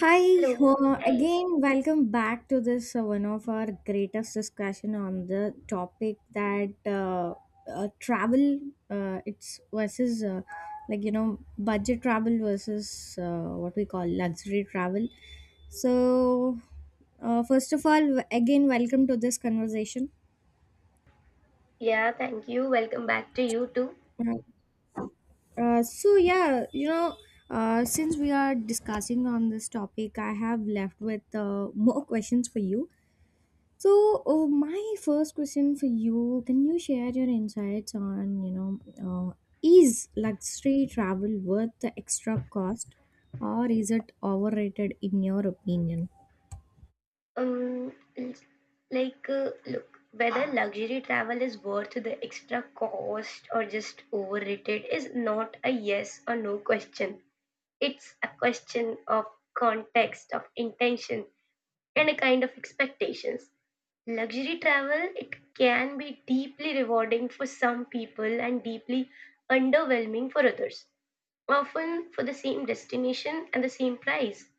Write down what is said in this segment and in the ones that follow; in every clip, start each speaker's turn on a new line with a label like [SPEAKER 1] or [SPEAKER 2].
[SPEAKER 1] Hi,
[SPEAKER 2] Hello. Hi.
[SPEAKER 1] again, welcome back to this one of our greatest discussion on the topic that travel, it's versus like you know budget travel versus what we call luxury travel. So, first of all, again, welcome to this conversation.
[SPEAKER 2] Yeah, thank you. Welcome back to you too.
[SPEAKER 1] Uh, so yeah, you know, since we are discussing on this topic, I have left with more questions for you. So, my first question for you, can you share your insights on, you know, uh, is luxury travel worth the extra cost or is it overrated in your opinion?
[SPEAKER 2] Um, l- like, look, whether luxury travel is worth the extra cost or just overrated is not a yes or no question. It's a question of context, of intention, and a kind of expectations. Luxury travel, it can be deeply rewarding for some people and deeply underwhelming for others, often for the same destination and the same price.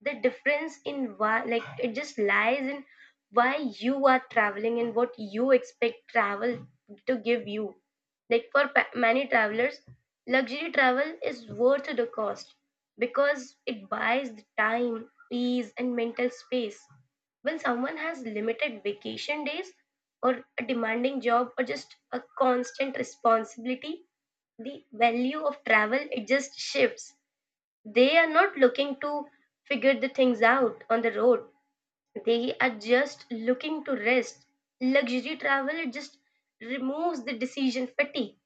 [SPEAKER 2] The difference in why, like, it just lies in why you are traveling and what you expect travel to give you. Like, for many travelers, luxury travel is worth the cost because it buys the time, ease, and mental space. When someone has limited vacation days or a demanding job or just a constant responsibility, the value of travel it just shifts. They are not looking to figure the things out on the road; they are just looking to rest. Luxury travel it just removes the decision fatigue.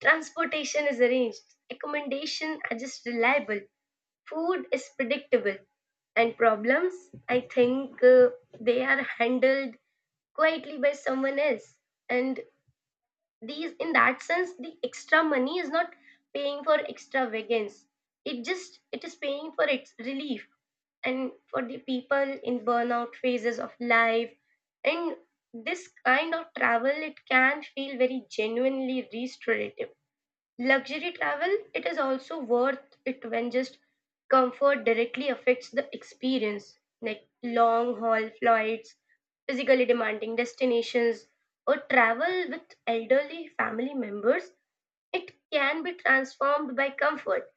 [SPEAKER 2] Transportation is arranged, accommodation are just reliable, food is predictable, and problems, I think, they are handled quietly by someone else. And these, in that sense, the extra money is not paying for extravagance, it just it is paying for its relief. And for the people in burnout phases of life, and this kind of travel it can feel very genuinely restorative. Luxury travel, it is also worth it when just comfort directly affects the experience, like long haul flights, physically demanding destinations, or travel with elderly family members. It can be transformed by comfort,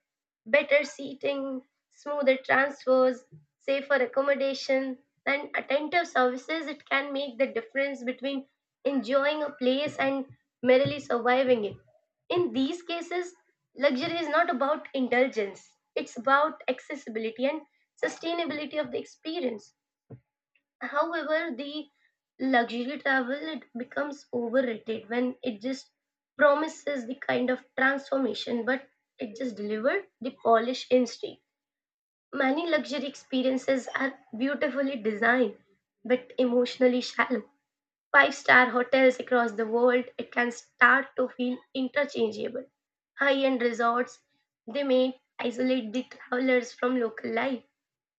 [SPEAKER 2] better seating, smoother transfers, safer accommodation, and attentive services. It can make the difference between enjoying a place and merely surviving it. In these cases, luxury is not about indulgence, it's about accessibility and sustainability of the experience. However, the luxury travel it becomes overrated when it just promises the kind of transformation, but it just delivered the polished instinct. Many luxury experiences are beautifully designed but emotionally shallow. Five-star hotels across the world it can start to feel interchangeable. High end resorts they may isolate the travelers from local life,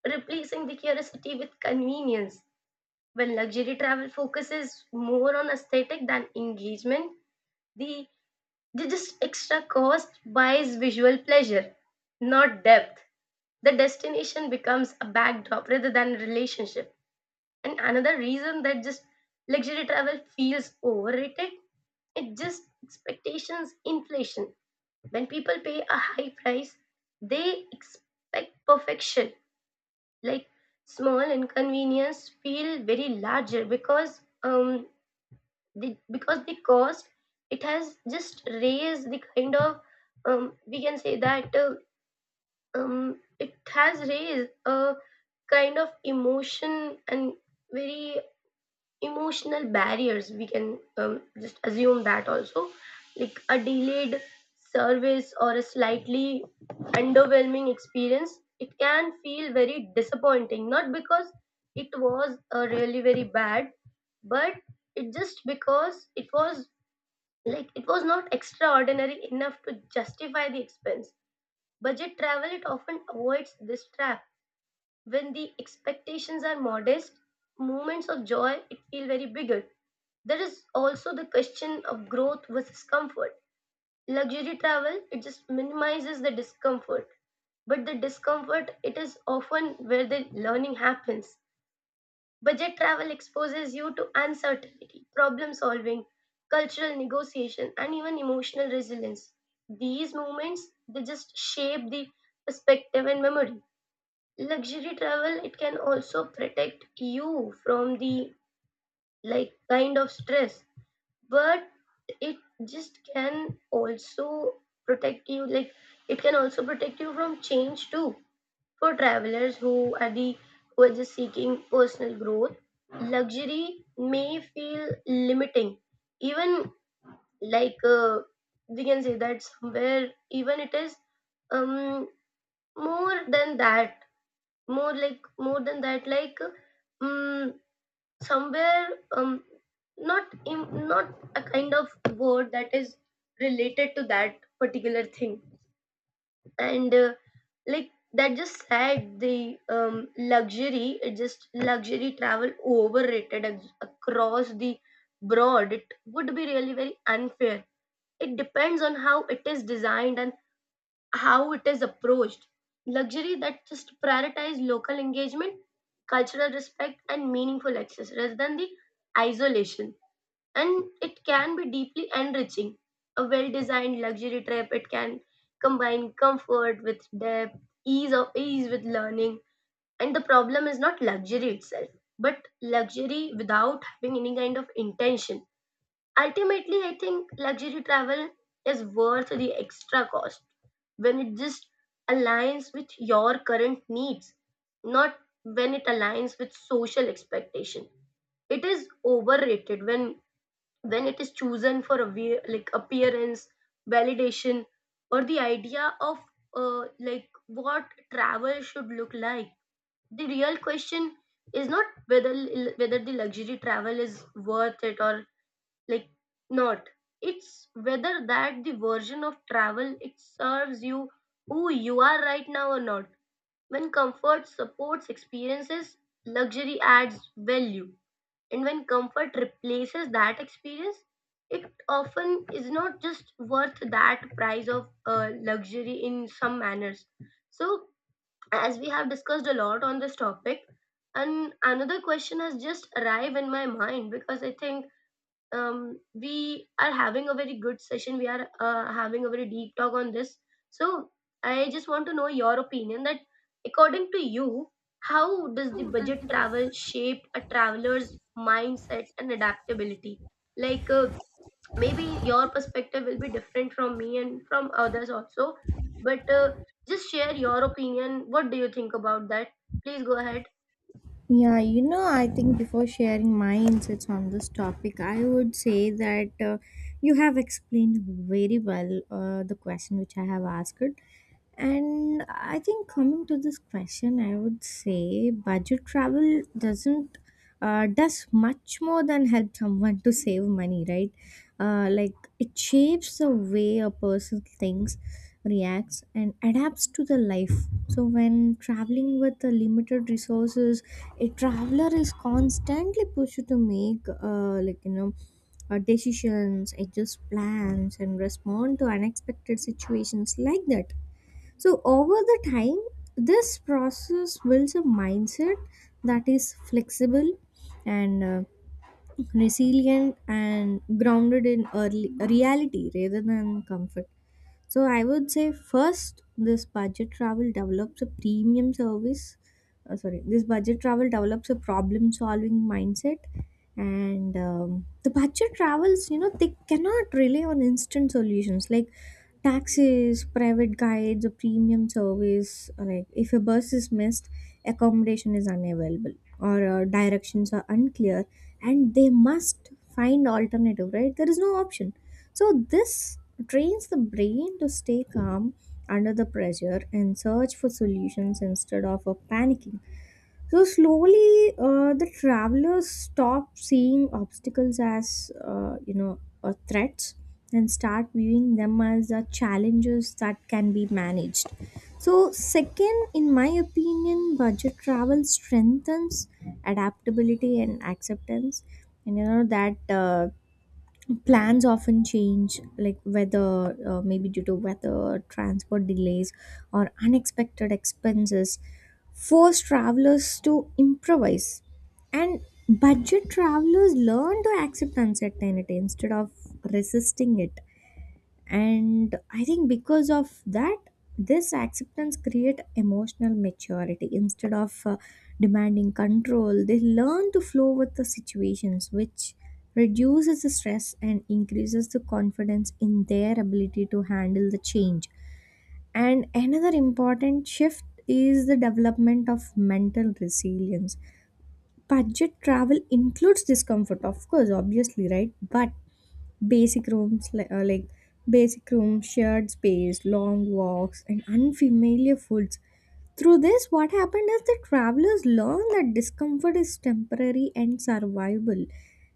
[SPEAKER 2] replacing the curiosity with convenience. When luxury travel focuses more on aesthetic than engagement, the, the just extra cost buys visual pleasure, not depth. The destination becomes a backdrop rather than a relationship. And another reason that just luxury travel feels overrated, it just expectations inflation. When people pay a high price, they expect perfection. Like, small inconvenience feel very larger because the cost it has just raised the kind of, we can say that, it has raised a kind of emotion, and very emotional barriers we can, just assume that also. Like, a delayed service or a slightly underwhelming experience it can feel very disappointing, not because it was really very bad, but it just because it was, like, it was not extraordinary enough to justify the expense. Budget travel it often avoids this trap. When the expectations are modest, moments of joy it feel very bigger. There is also the question of growth versus comfort. Luxury travel it just minimizes the discomfort, but the discomfort it is often where the learning happens. Budget travel exposes you to uncertainty, problem solving, cultural negotiation, and even emotional resilience. These moments they just shape the perspective and memory. Luxury travel it can also protect you from the, like, kind of stress, but it just can also protect you like it can also protect you from change too. For travelers who are just seeking personal growth, luxury may feel limiting. Even, like, we can say that somewhere, even it is, um more than that, more than that, like, um somewhere, um not a kind of word that is related to that particular thing. And like, that just said the, luxury it just luxury travel overrated across the broad, it would be really very unfair. It depends on how it is designed and how it is approached. Luxury that just prioritize local engagement, cultural respect, and meaningful access rather than the isolation, and it can be deeply enriching. A well designed luxury trip, it can combine comfort with depth, ease of ease with learning. And the problem is not luxury itself, but luxury without having any kind of intention. Ultimately, I think luxury travel is worth the extra cost when it just aligns with your current needs, not when it aligns with social expectation. It is overrated when it is chosen for a, like, appearance, validation, or the idea of, like, what travel should look like. The real question is not whether the luxury travel is worth it or, like, not. It's whether that the version of travel it serves you, who you are right now or not. When comfort supports experiences, luxury adds value, and when comfort replaces that experience, it often is not just worth that price of luxury in some manners. So, as we have discussed a lot on this topic, and another question has just arrived in my mind because I think, we are having a very good session. We are having a very deep talk on this. So I just want to know your opinion that, according to you, how does the budget travel shape a traveler's mindset and adaptability? Like, maybe your perspective will be different from me and from others also, but just share your opinion. What do you think about that? Please go ahead.
[SPEAKER 1] Yeah, you know, I think before sharing my insights on this topic, I would say that you have explained very well the question which I have asked. And I think coming to this question, I would say budget travel doesn't does much more than help someone to save money, right? Like it shapes the way a person thinks, reacts, and adapts to the life. So when traveling with the limited resources, a traveler is constantly pushed to make like you know decisions, adjust plans, and respond to unexpected situations like that. So over the time, this process builds a mindset that is flexible and resilient and grounded in early reality rather than comfort. So I would say first, this budget travel develops a premium service. Sorry, this budget travel develops a problem solving mindset. And the budget travels, you know, they cannot rely on instant solutions like taxis, private guides, a premium service. Like if a bus is missed, accommodation is unavailable or directions are unclear, and they must find alternative. Right, there is no option. So this trains the brain to stay calm under the pressure and search for solutions instead of panicking. So slowly, the travelers stop seeing obstacles as threats and start viewing them as challenges that can be managed. So second, in my opinion, budget travel strengthens adaptability and acceptance, and you know that. Plans often change like weather maybe due to weather, transport delays, or unexpected expenses force travelers to improvise, and budget travelers learn to accept uncertainty instead of resisting it. And I think because of that, this acceptance create emotional maturity. Instead of demanding control, they learn to flow with the situations, which reduces the stress and increases the confidence in their ability to handle the change. And another important shift is the development of mental resilience. Budget travel includes discomfort, of course, obviously, right? But basic rooms li- like basic rooms, shared space, long walks, and unfamiliar foods. Through this, what happened is the travelers learned that discomfort is temporary and survivable,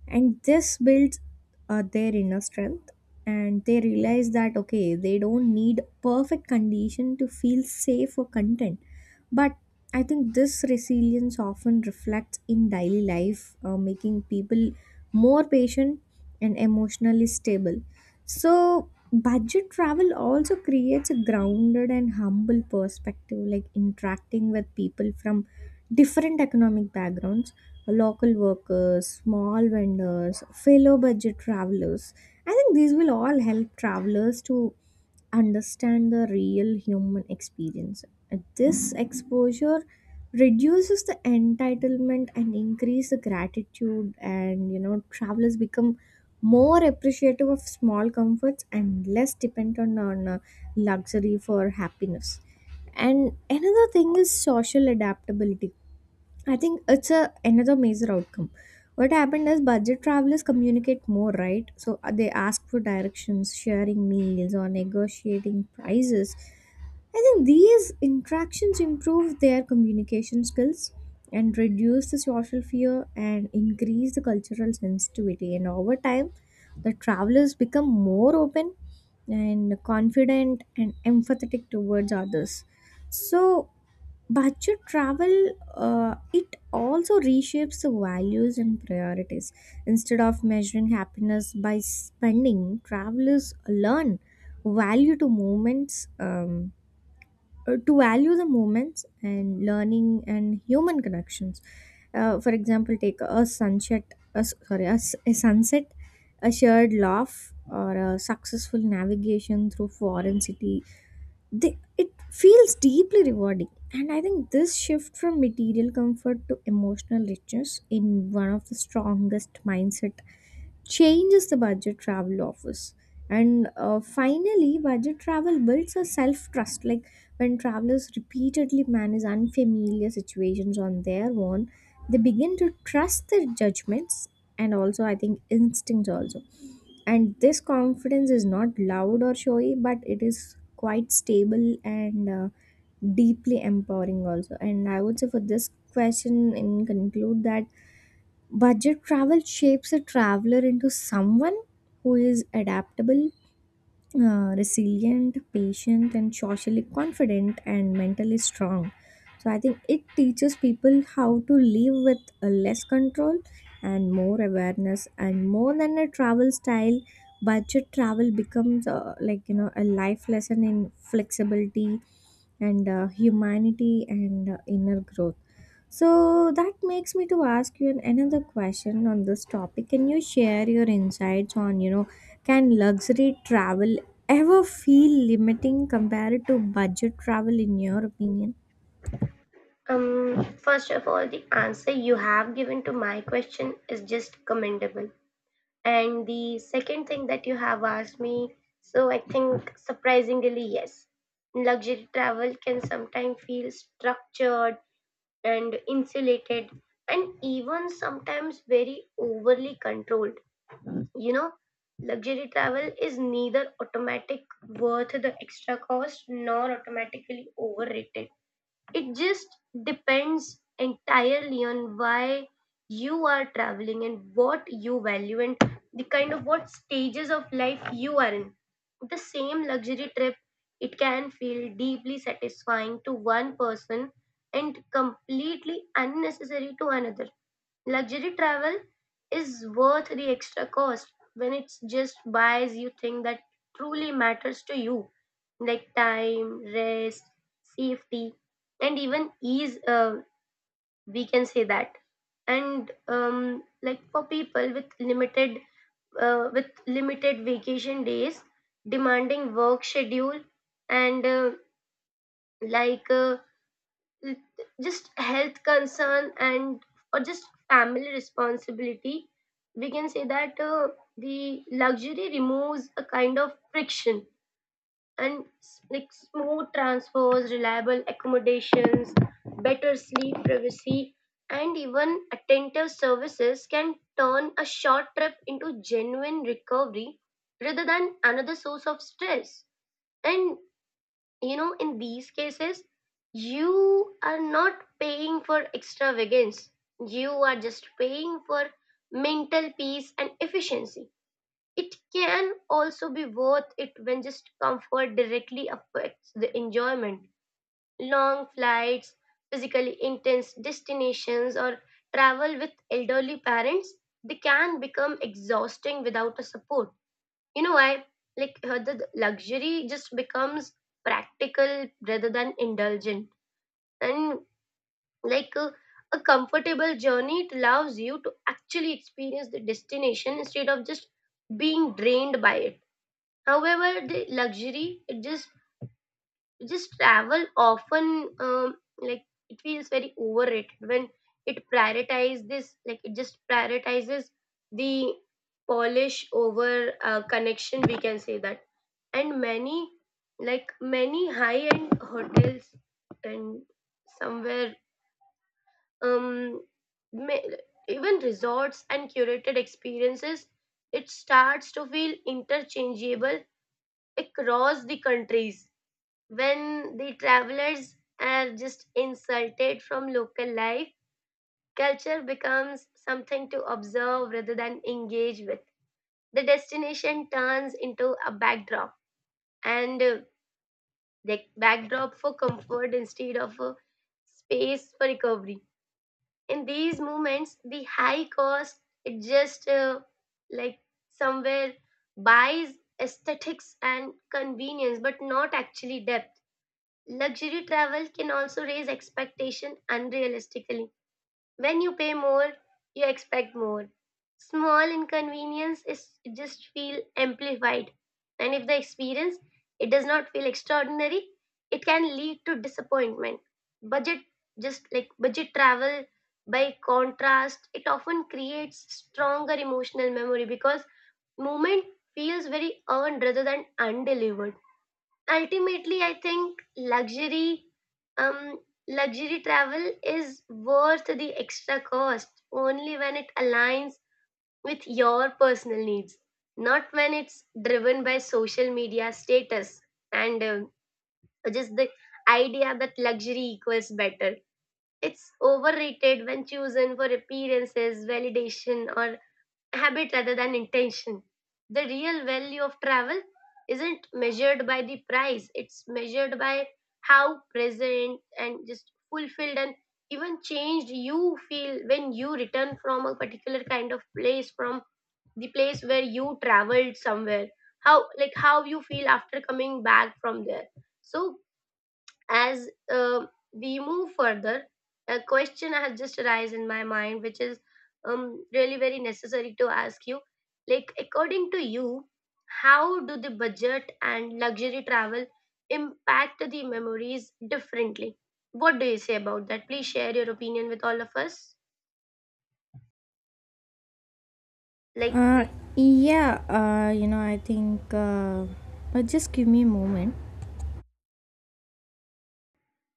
[SPEAKER 1] and this builds their inner strength, and they realize that okay, they don't need perfect condition to feel safe or content. But I think this resilience often reflects in daily life, making people more patient and emotionally stable. So, budget travel also creates a grounded and humble perspective, like interacting with people from different economic backgrounds, local workers, small vendors, fellow budget travelers. I think these will all help travelers to understand the real human experience. This exposure reduces the entitlement and increase the gratitude, and you know travelers become more appreciative of small comforts and less dependent on luxury for happiness. And another thing is social adaptability. I think it's a another major outcome. What happened is budget travelers communicate more, right? So they ask for directions, sharing meals, or negotiating prices. I think these interactions improve their communication skills and reduce the social fear and increase the cultural sensitivity. And over time, the travelers become more open and confident and empathetic towards others. So budget travel, it also reshapes the values and priorities. Instead of measuring happiness by spending, travelers learn value to moments, to value the moments and learning and human connections. For example, take a sunset, a, s- sorry a, s- a sunset, a shared laugh, or a successful navigation through foreign city. It feels deeply rewarding, and I think this shift from material comfort to emotional richness in one of the strongest mindset changes the budget travel offers. And finally, budget travel builds a self trust, like when travelers repeatedly manage unfamiliar situations on their own, they begin to trust their judgments, and also I think instincts also. And this confidence is not loud or showy, but it is quite stable and deeply empowering also. And I would say for this question in conclude that budget travel shapes a traveler into someone who is adaptable, resilient, patient, and socially confident and mentally strong. So I think it teaches people how to live with less control and more awareness. And more than a travel style, budget travel becomes like you know a life lesson in flexibility and humanity and inner growth. So that makes me to ask you another question on this topic. Can you share your insights on, you know, can luxury travel ever feel limiting compared to budget travel in your opinion?
[SPEAKER 2] First of all, the answer you have given to my question is just commendable. And the second thing that you have asked me, so I think surprisingly, yes. Luxury travel can sometimes feel structured and insulated and even sometimes very overly controlled. You know, luxury travel is neither automatic worth the extra cost nor automatically overrated. It just depends entirely on why you are traveling and what you value, and the kind of what stages of life you are in. The same luxury trip, it can feel deeply satisfying to one person and completely unnecessary to another. Luxury travel is worth the extra cost when it's just buys you things that truly matters to you, like time, rest, safety, and even ease. We can say that. And like, for people with limited vacation days, demanding work schedule, and like uh, l- just health concern, and or just family responsibility, we can say that, the luxury removes a kind of friction. And like, smooth transfers, reliable accommodations, better sleep, privacy, and even attentive services can turn a short trip into genuine recovery rather than another source of stress. And you know, in these cases, you are not paying for extravagance, you are just paying for mental peace and efficiency. It can also be worth it when just comfort directly affects the enjoyment. Long flights, physically intense destinations, or travel with elderly parents, they can become exhausting without a support. You know why? Like, the luxury just becomes practical rather than indulgent, and like a comfortable journey, it allows you to actually experience the destination instead of just being drained by it. However, the luxury it just travel often, like, it feels very overrated when it prioritizes this like it just prioritizes the polish over, connection, we can say that. And many high end hotels and somewhere, um ma- even resorts and curated experiences it starts to feel interchangeable across the countries. When the travelers are just insulted from local life, culture becomes something to observe rather than engage with. The destination turns into a backdrop, and the backdrop for comfort instead of a space for recovery. In these moments, the high cost it just, like, somewhere buys aesthetics and convenience, but not actually depth. Luxury travel can also raise expectation unrealistically. When you pay more, you expect more. Small inconvenience is just feel amplified. And if the experience it does not feel extraordinary, it can lead to disappointment. Budget just like budget travel, by contrast, it often creates stronger emotional memory because movement feels very earned rather than undelivered. Ultimately, I think luxury, um luxury travel is worth the extra cost only when it aligns with your personal needs, not when it's driven by social media status and, just the idea that luxury equals better. It's overrated when chosen for appearances, validation, or habit rather than intention. The real value of travel isn't measured by the price, it's measured by how present and just fulfilled and even changed you feel when you return from a particular kind of place, from the place where you traveled somewhere. How you feel after coming back from there. So, as we move further, a question has just arisen in my mind, which is, really very necessary to ask you. According to you, how do the budget and luxury travel impact the memories differently? What do you say about that? Please share your opinion with all of us. Like,
[SPEAKER 1] Uh, yeah, you know, I think, just give me a moment.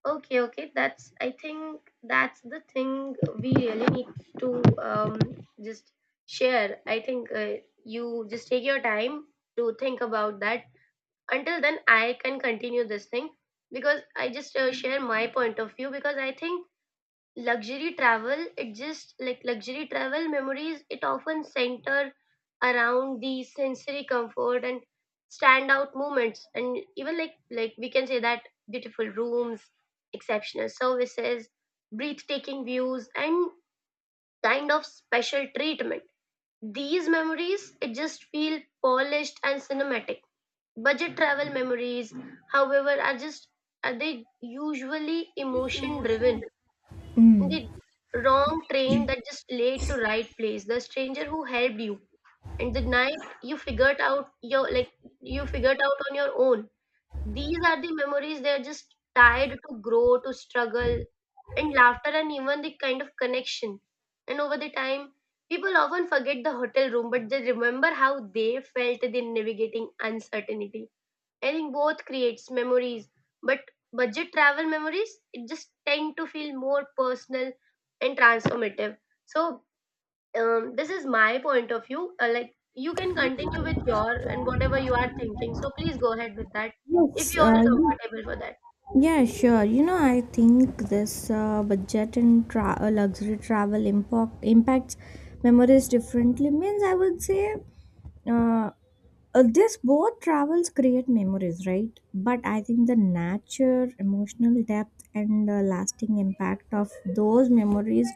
[SPEAKER 2] Okay, okay. That's I think that's the thing we really need to just share. I think you just take your time to think about that. Until then, I can continue this thing because I just share my point of view because I think luxury travel memories it often center around the sensory comfort and standout moments and even like we can say that beautiful rooms, exceptional services, breathtaking views, and kind of special treatment. These memories it just feel polished and cinematic. Budget travel memories, however, are just are they usually emotion driven in
[SPEAKER 1] Mm.
[SPEAKER 2] the wrong train that just led to right place, the stranger who helped you, and the night you figured out your like you figured out on your own. These are the memories, they are just tied to grow to struggle and laughter and even the kind of connection. And over the time, people often forget the hotel room, but they remember how they felt in navigating uncertainty. I think both creates memories, but budget travel memories it just tend to feel more personal and transformative. So this is my point of view. Like, you can continue with your and whatever you are thinking. So please go ahead with that if
[SPEAKER 1] Yes,
[SPEAKER 2] you are
[SPEAKER 1] yeah.
[SPEAKER 2] comfortable for that.
[SPEAKER 1] Yeah, sure. You know, I think this luxury travel impacts memories differently. Means, I would say, uh, this both travels create memories, right? But I think the nature, emotional depth, and lasting impact of those memories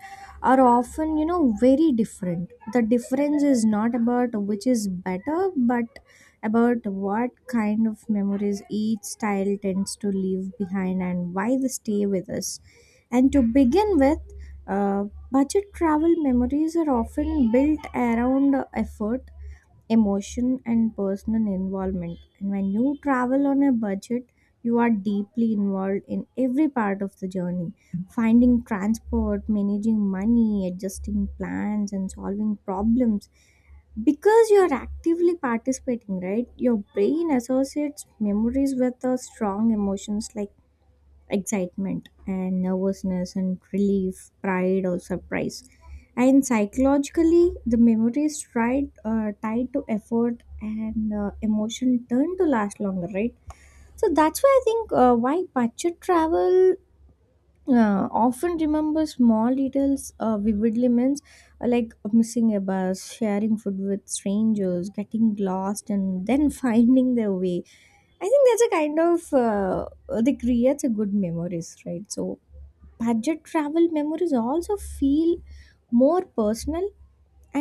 [SPEAKER 1] are often, you know, very different. The difference is not about which is better, but about what kind of memories each style tends to leave behind and why they stay with us. And to begin with, uh, budget travel memories are often built around effort, emotion, and personal involvement. And when you travel on a budget, you are deeply involved in every part of the journey: finding transport, managing money, adjusting plans, and solving problems. Because you are actively participating, right? Your brain associates memories with the strong emotions like excitement and nervousness and relief, pride, or surprise. And psychologically, the memory is tied to effort, and emotion turn to last longer, right? So that's why I think why budget travel often remember small details vividly. Means like missing a bus, sharing food with strangers, getting lost and then finding their way. I think that's a kind of they creates a good memories, right? So budget travel memories also feel more personal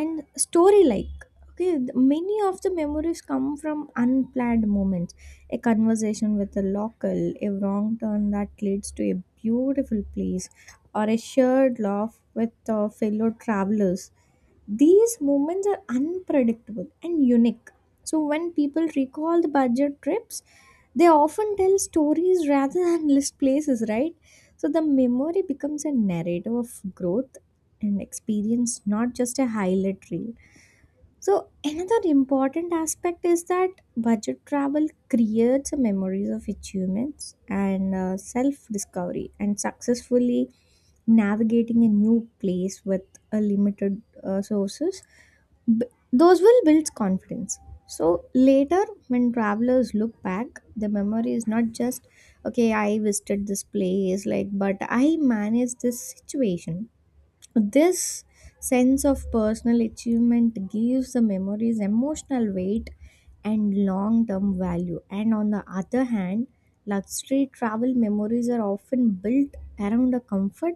[SPEAKER 1] and story like. Okay, many of the memories come from unplanned moments: a conversation with a local, a wrong turn that leads to a beautiful place, or a shared laugh with fellow travelers. These moments are unpredictable and unique. So when people recall the budget trips, they often tell stories rather than list places, right? So the memory becomes a narrative of growth and experience, not just a highlight reel. So, another important aspect is that budget travel creates memories of achievements and self discovery. And successfully navigating a new place with a limited sources, b- those will build confidence. So later when travelers look back, the memory is not just okay, I visited this place, like, but I managed this situation. This sense of personal achievement gives the memories emotional weight and long term value. And on the other hand, luxury travel memories are often built around a comfort,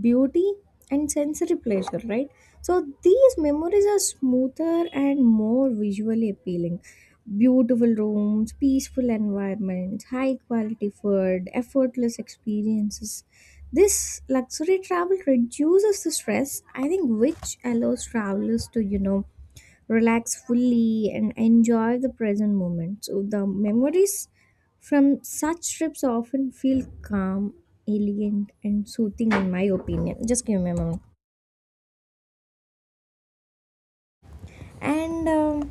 [SPEAKER 1] beauty, and sensory pleasure, right? So these memories are smoother and more visually appealing. Beautiful rooms, peaceful environments, high quality food, effortless experiences. This luxury travel reduces the stress, I think, which allows travelers to, you know, relax fully and enjoy the present moment. So the memories from such trips often feel calm, elegant, and soothing, in my opinion. Just give me a moment. And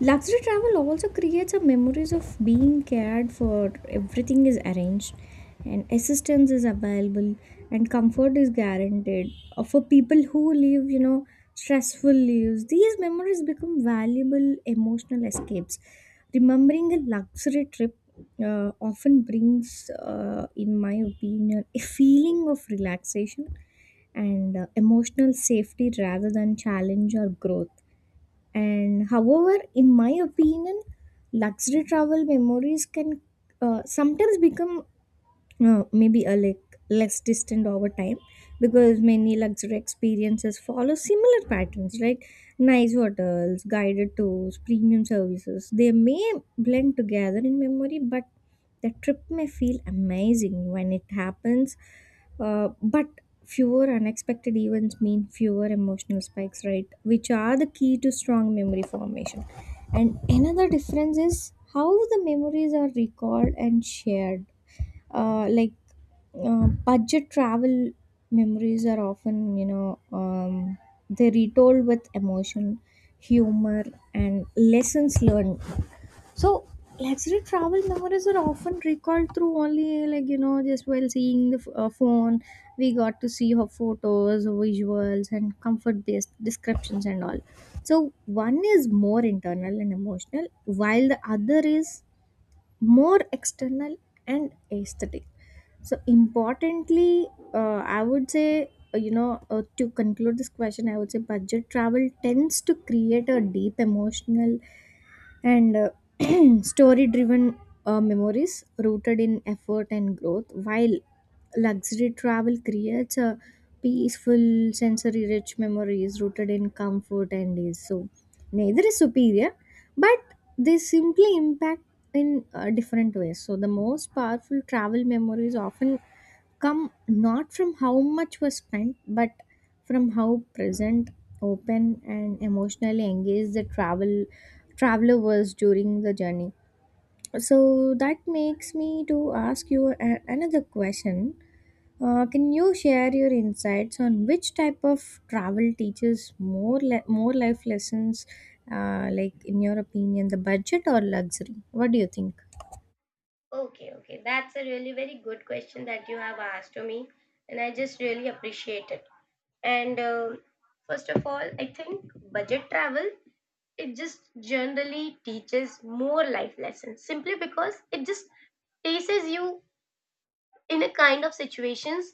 [SPEAKER 1] luxury travel also creates a memories of being cared for. Everything is arranged and assistance is available and comfort is guaranteed. For people who live, you know, stressful lives, these memories become valuable emotional escapes. Remembering a luxury trip often brings, in my opinion, a feeling of relaxation and emotional safety rather than challenge or growth. And however, in my opinion, luxury travel memories can sometimes become maybe a like less distant over time, because many luxury experiences follow similar patterns, right? Nice hotels, guided tours, premium services, they may blend together in memory. But the trip may feel amazing when it happens. But fewer unexpected events mean fewer emotional spikes, right? Which are the key to strong memory formation. And another difference is how the memories are recalled and shared. uh, like budget travel memories are often, you know, they retold with emotion, humor, and lessons learned. So luxury travel memories are often recalled through only, like, you know, just while seeing the phone. We got to see her photos, visuals, and comfort based descriptions and all. So one is more internal and emotional while the other is more external and aesthetic. So importantly, I would say, to conclude this question, I would say budget travel tends to create a deep emotional and story driven memories rooted in effort and growth, while luxury travel creates a peaceful sensory rich memories rooted in comfort and ease. So neither is superior, but they simply impact in different ways. So the most powerful travel memories often come not from how much was spent, but from how present, open, and emotionally engaged the traveler was during the journey. So that makes me to ask you another question. Can you share your insights on which type of travel teaches more life lessons, like in your opinion, the budget or luxury? What do you think?
[SPEAKER 2] Okay, okay. That's a really very good question that you have asked to me, and I just really appreciate it. And first of all, I think budget travel it just generally teaches more life lessons simply because it just places you in a kind of situations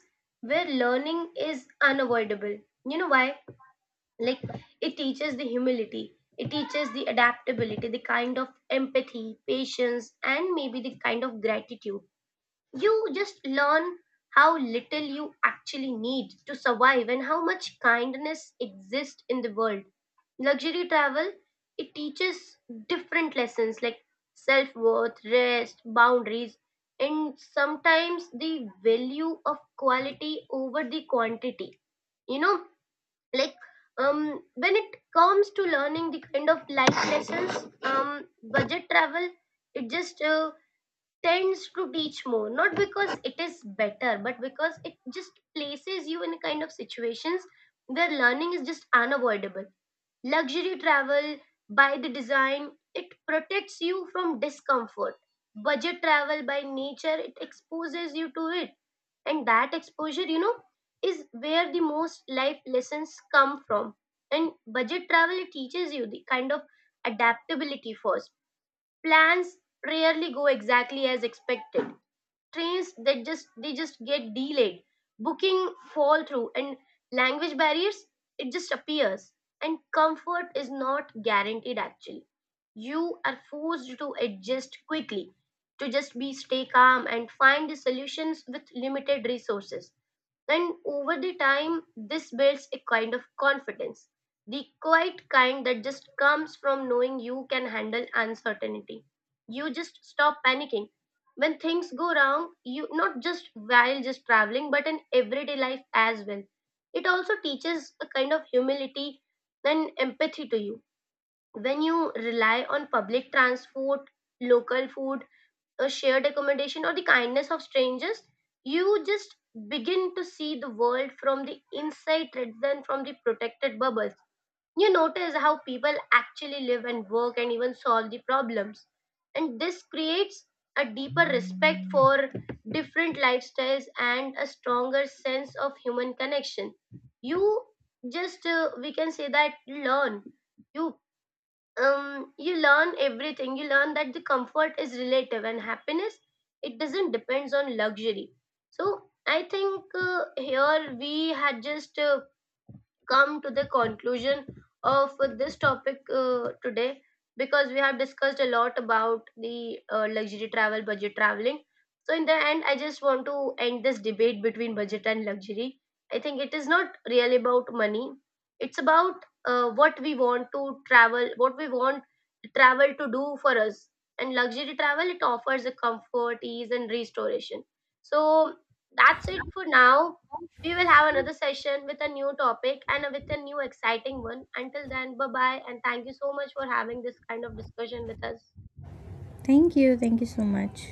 [SPEAKER 2] where learning is unavoidable. You know why? Like, it teaches the humility, it teaches the adaptability, the kind of empathy, patience, and maybe the kind of gratitude. You just learn how little you actually need to survive and how much kindness exists in the world. Luxury travel, it teaches different lessons like self-worth, rest, boundaries, and sometimes the value of quality over the quantity. You know, like, when it comes to learning the kind of life lessons, budget travel it just tends to teach more, not because it is better, but because it just places you in a kind of situations where learning is just unavoidable. Luxury travel, by the design, it protects you from discomfort. Budget travel, by nature, it exposes you to it. And that exposure, you know, is where the most life lessons come from. And budget travel it teaches you the kind of adaptability first. Plans rarely go exactly as expected. Trains that just get delayed, booking fall through, and language barriers it just appears, and comfort is not guaranteed actually. You are forced to adjust quickly, to just be stay calm and find the solutions with limited resources. And over the time, this builds a kind of confidence, the quiet kind that just comes from knowing you can handle uncertainty. You just stop panicking. When things go wrong, you not just while just traveling, but in everyday life as well. It also teaches a kind of humility and empathy to you. When you rely on public transport, local food, a shared accommodation, or the kindness of strangers, you just begin to see the world from the inside rather than from the protected bubbles. You notice how people actually live and work and even solve the problems, and this creates a deeper respect for different lifestyles and a stronger sense of human connection. You just we can say that learn, you you learn everything. You learn that the comfort is relative and happiness it doesn't depends on luxury. So I think here we had just come to the conclusion of this topic today, because we have discussed a lot about the luxury travel, budget traveling. So, in the end, I just want to end this debate between budget and luxury. I think it is not really about money, it's about what we want to travel, what we want travel to do for us. And luxury travel, it offers a comfort, ease, and restoration. So, that's it for now. We will have another session with a new topic and with a new exciting one. Until then, bye bye, and thank you so much for having this kind of discussion with us.
[SPEAKER 1] Thank you, thank you so much.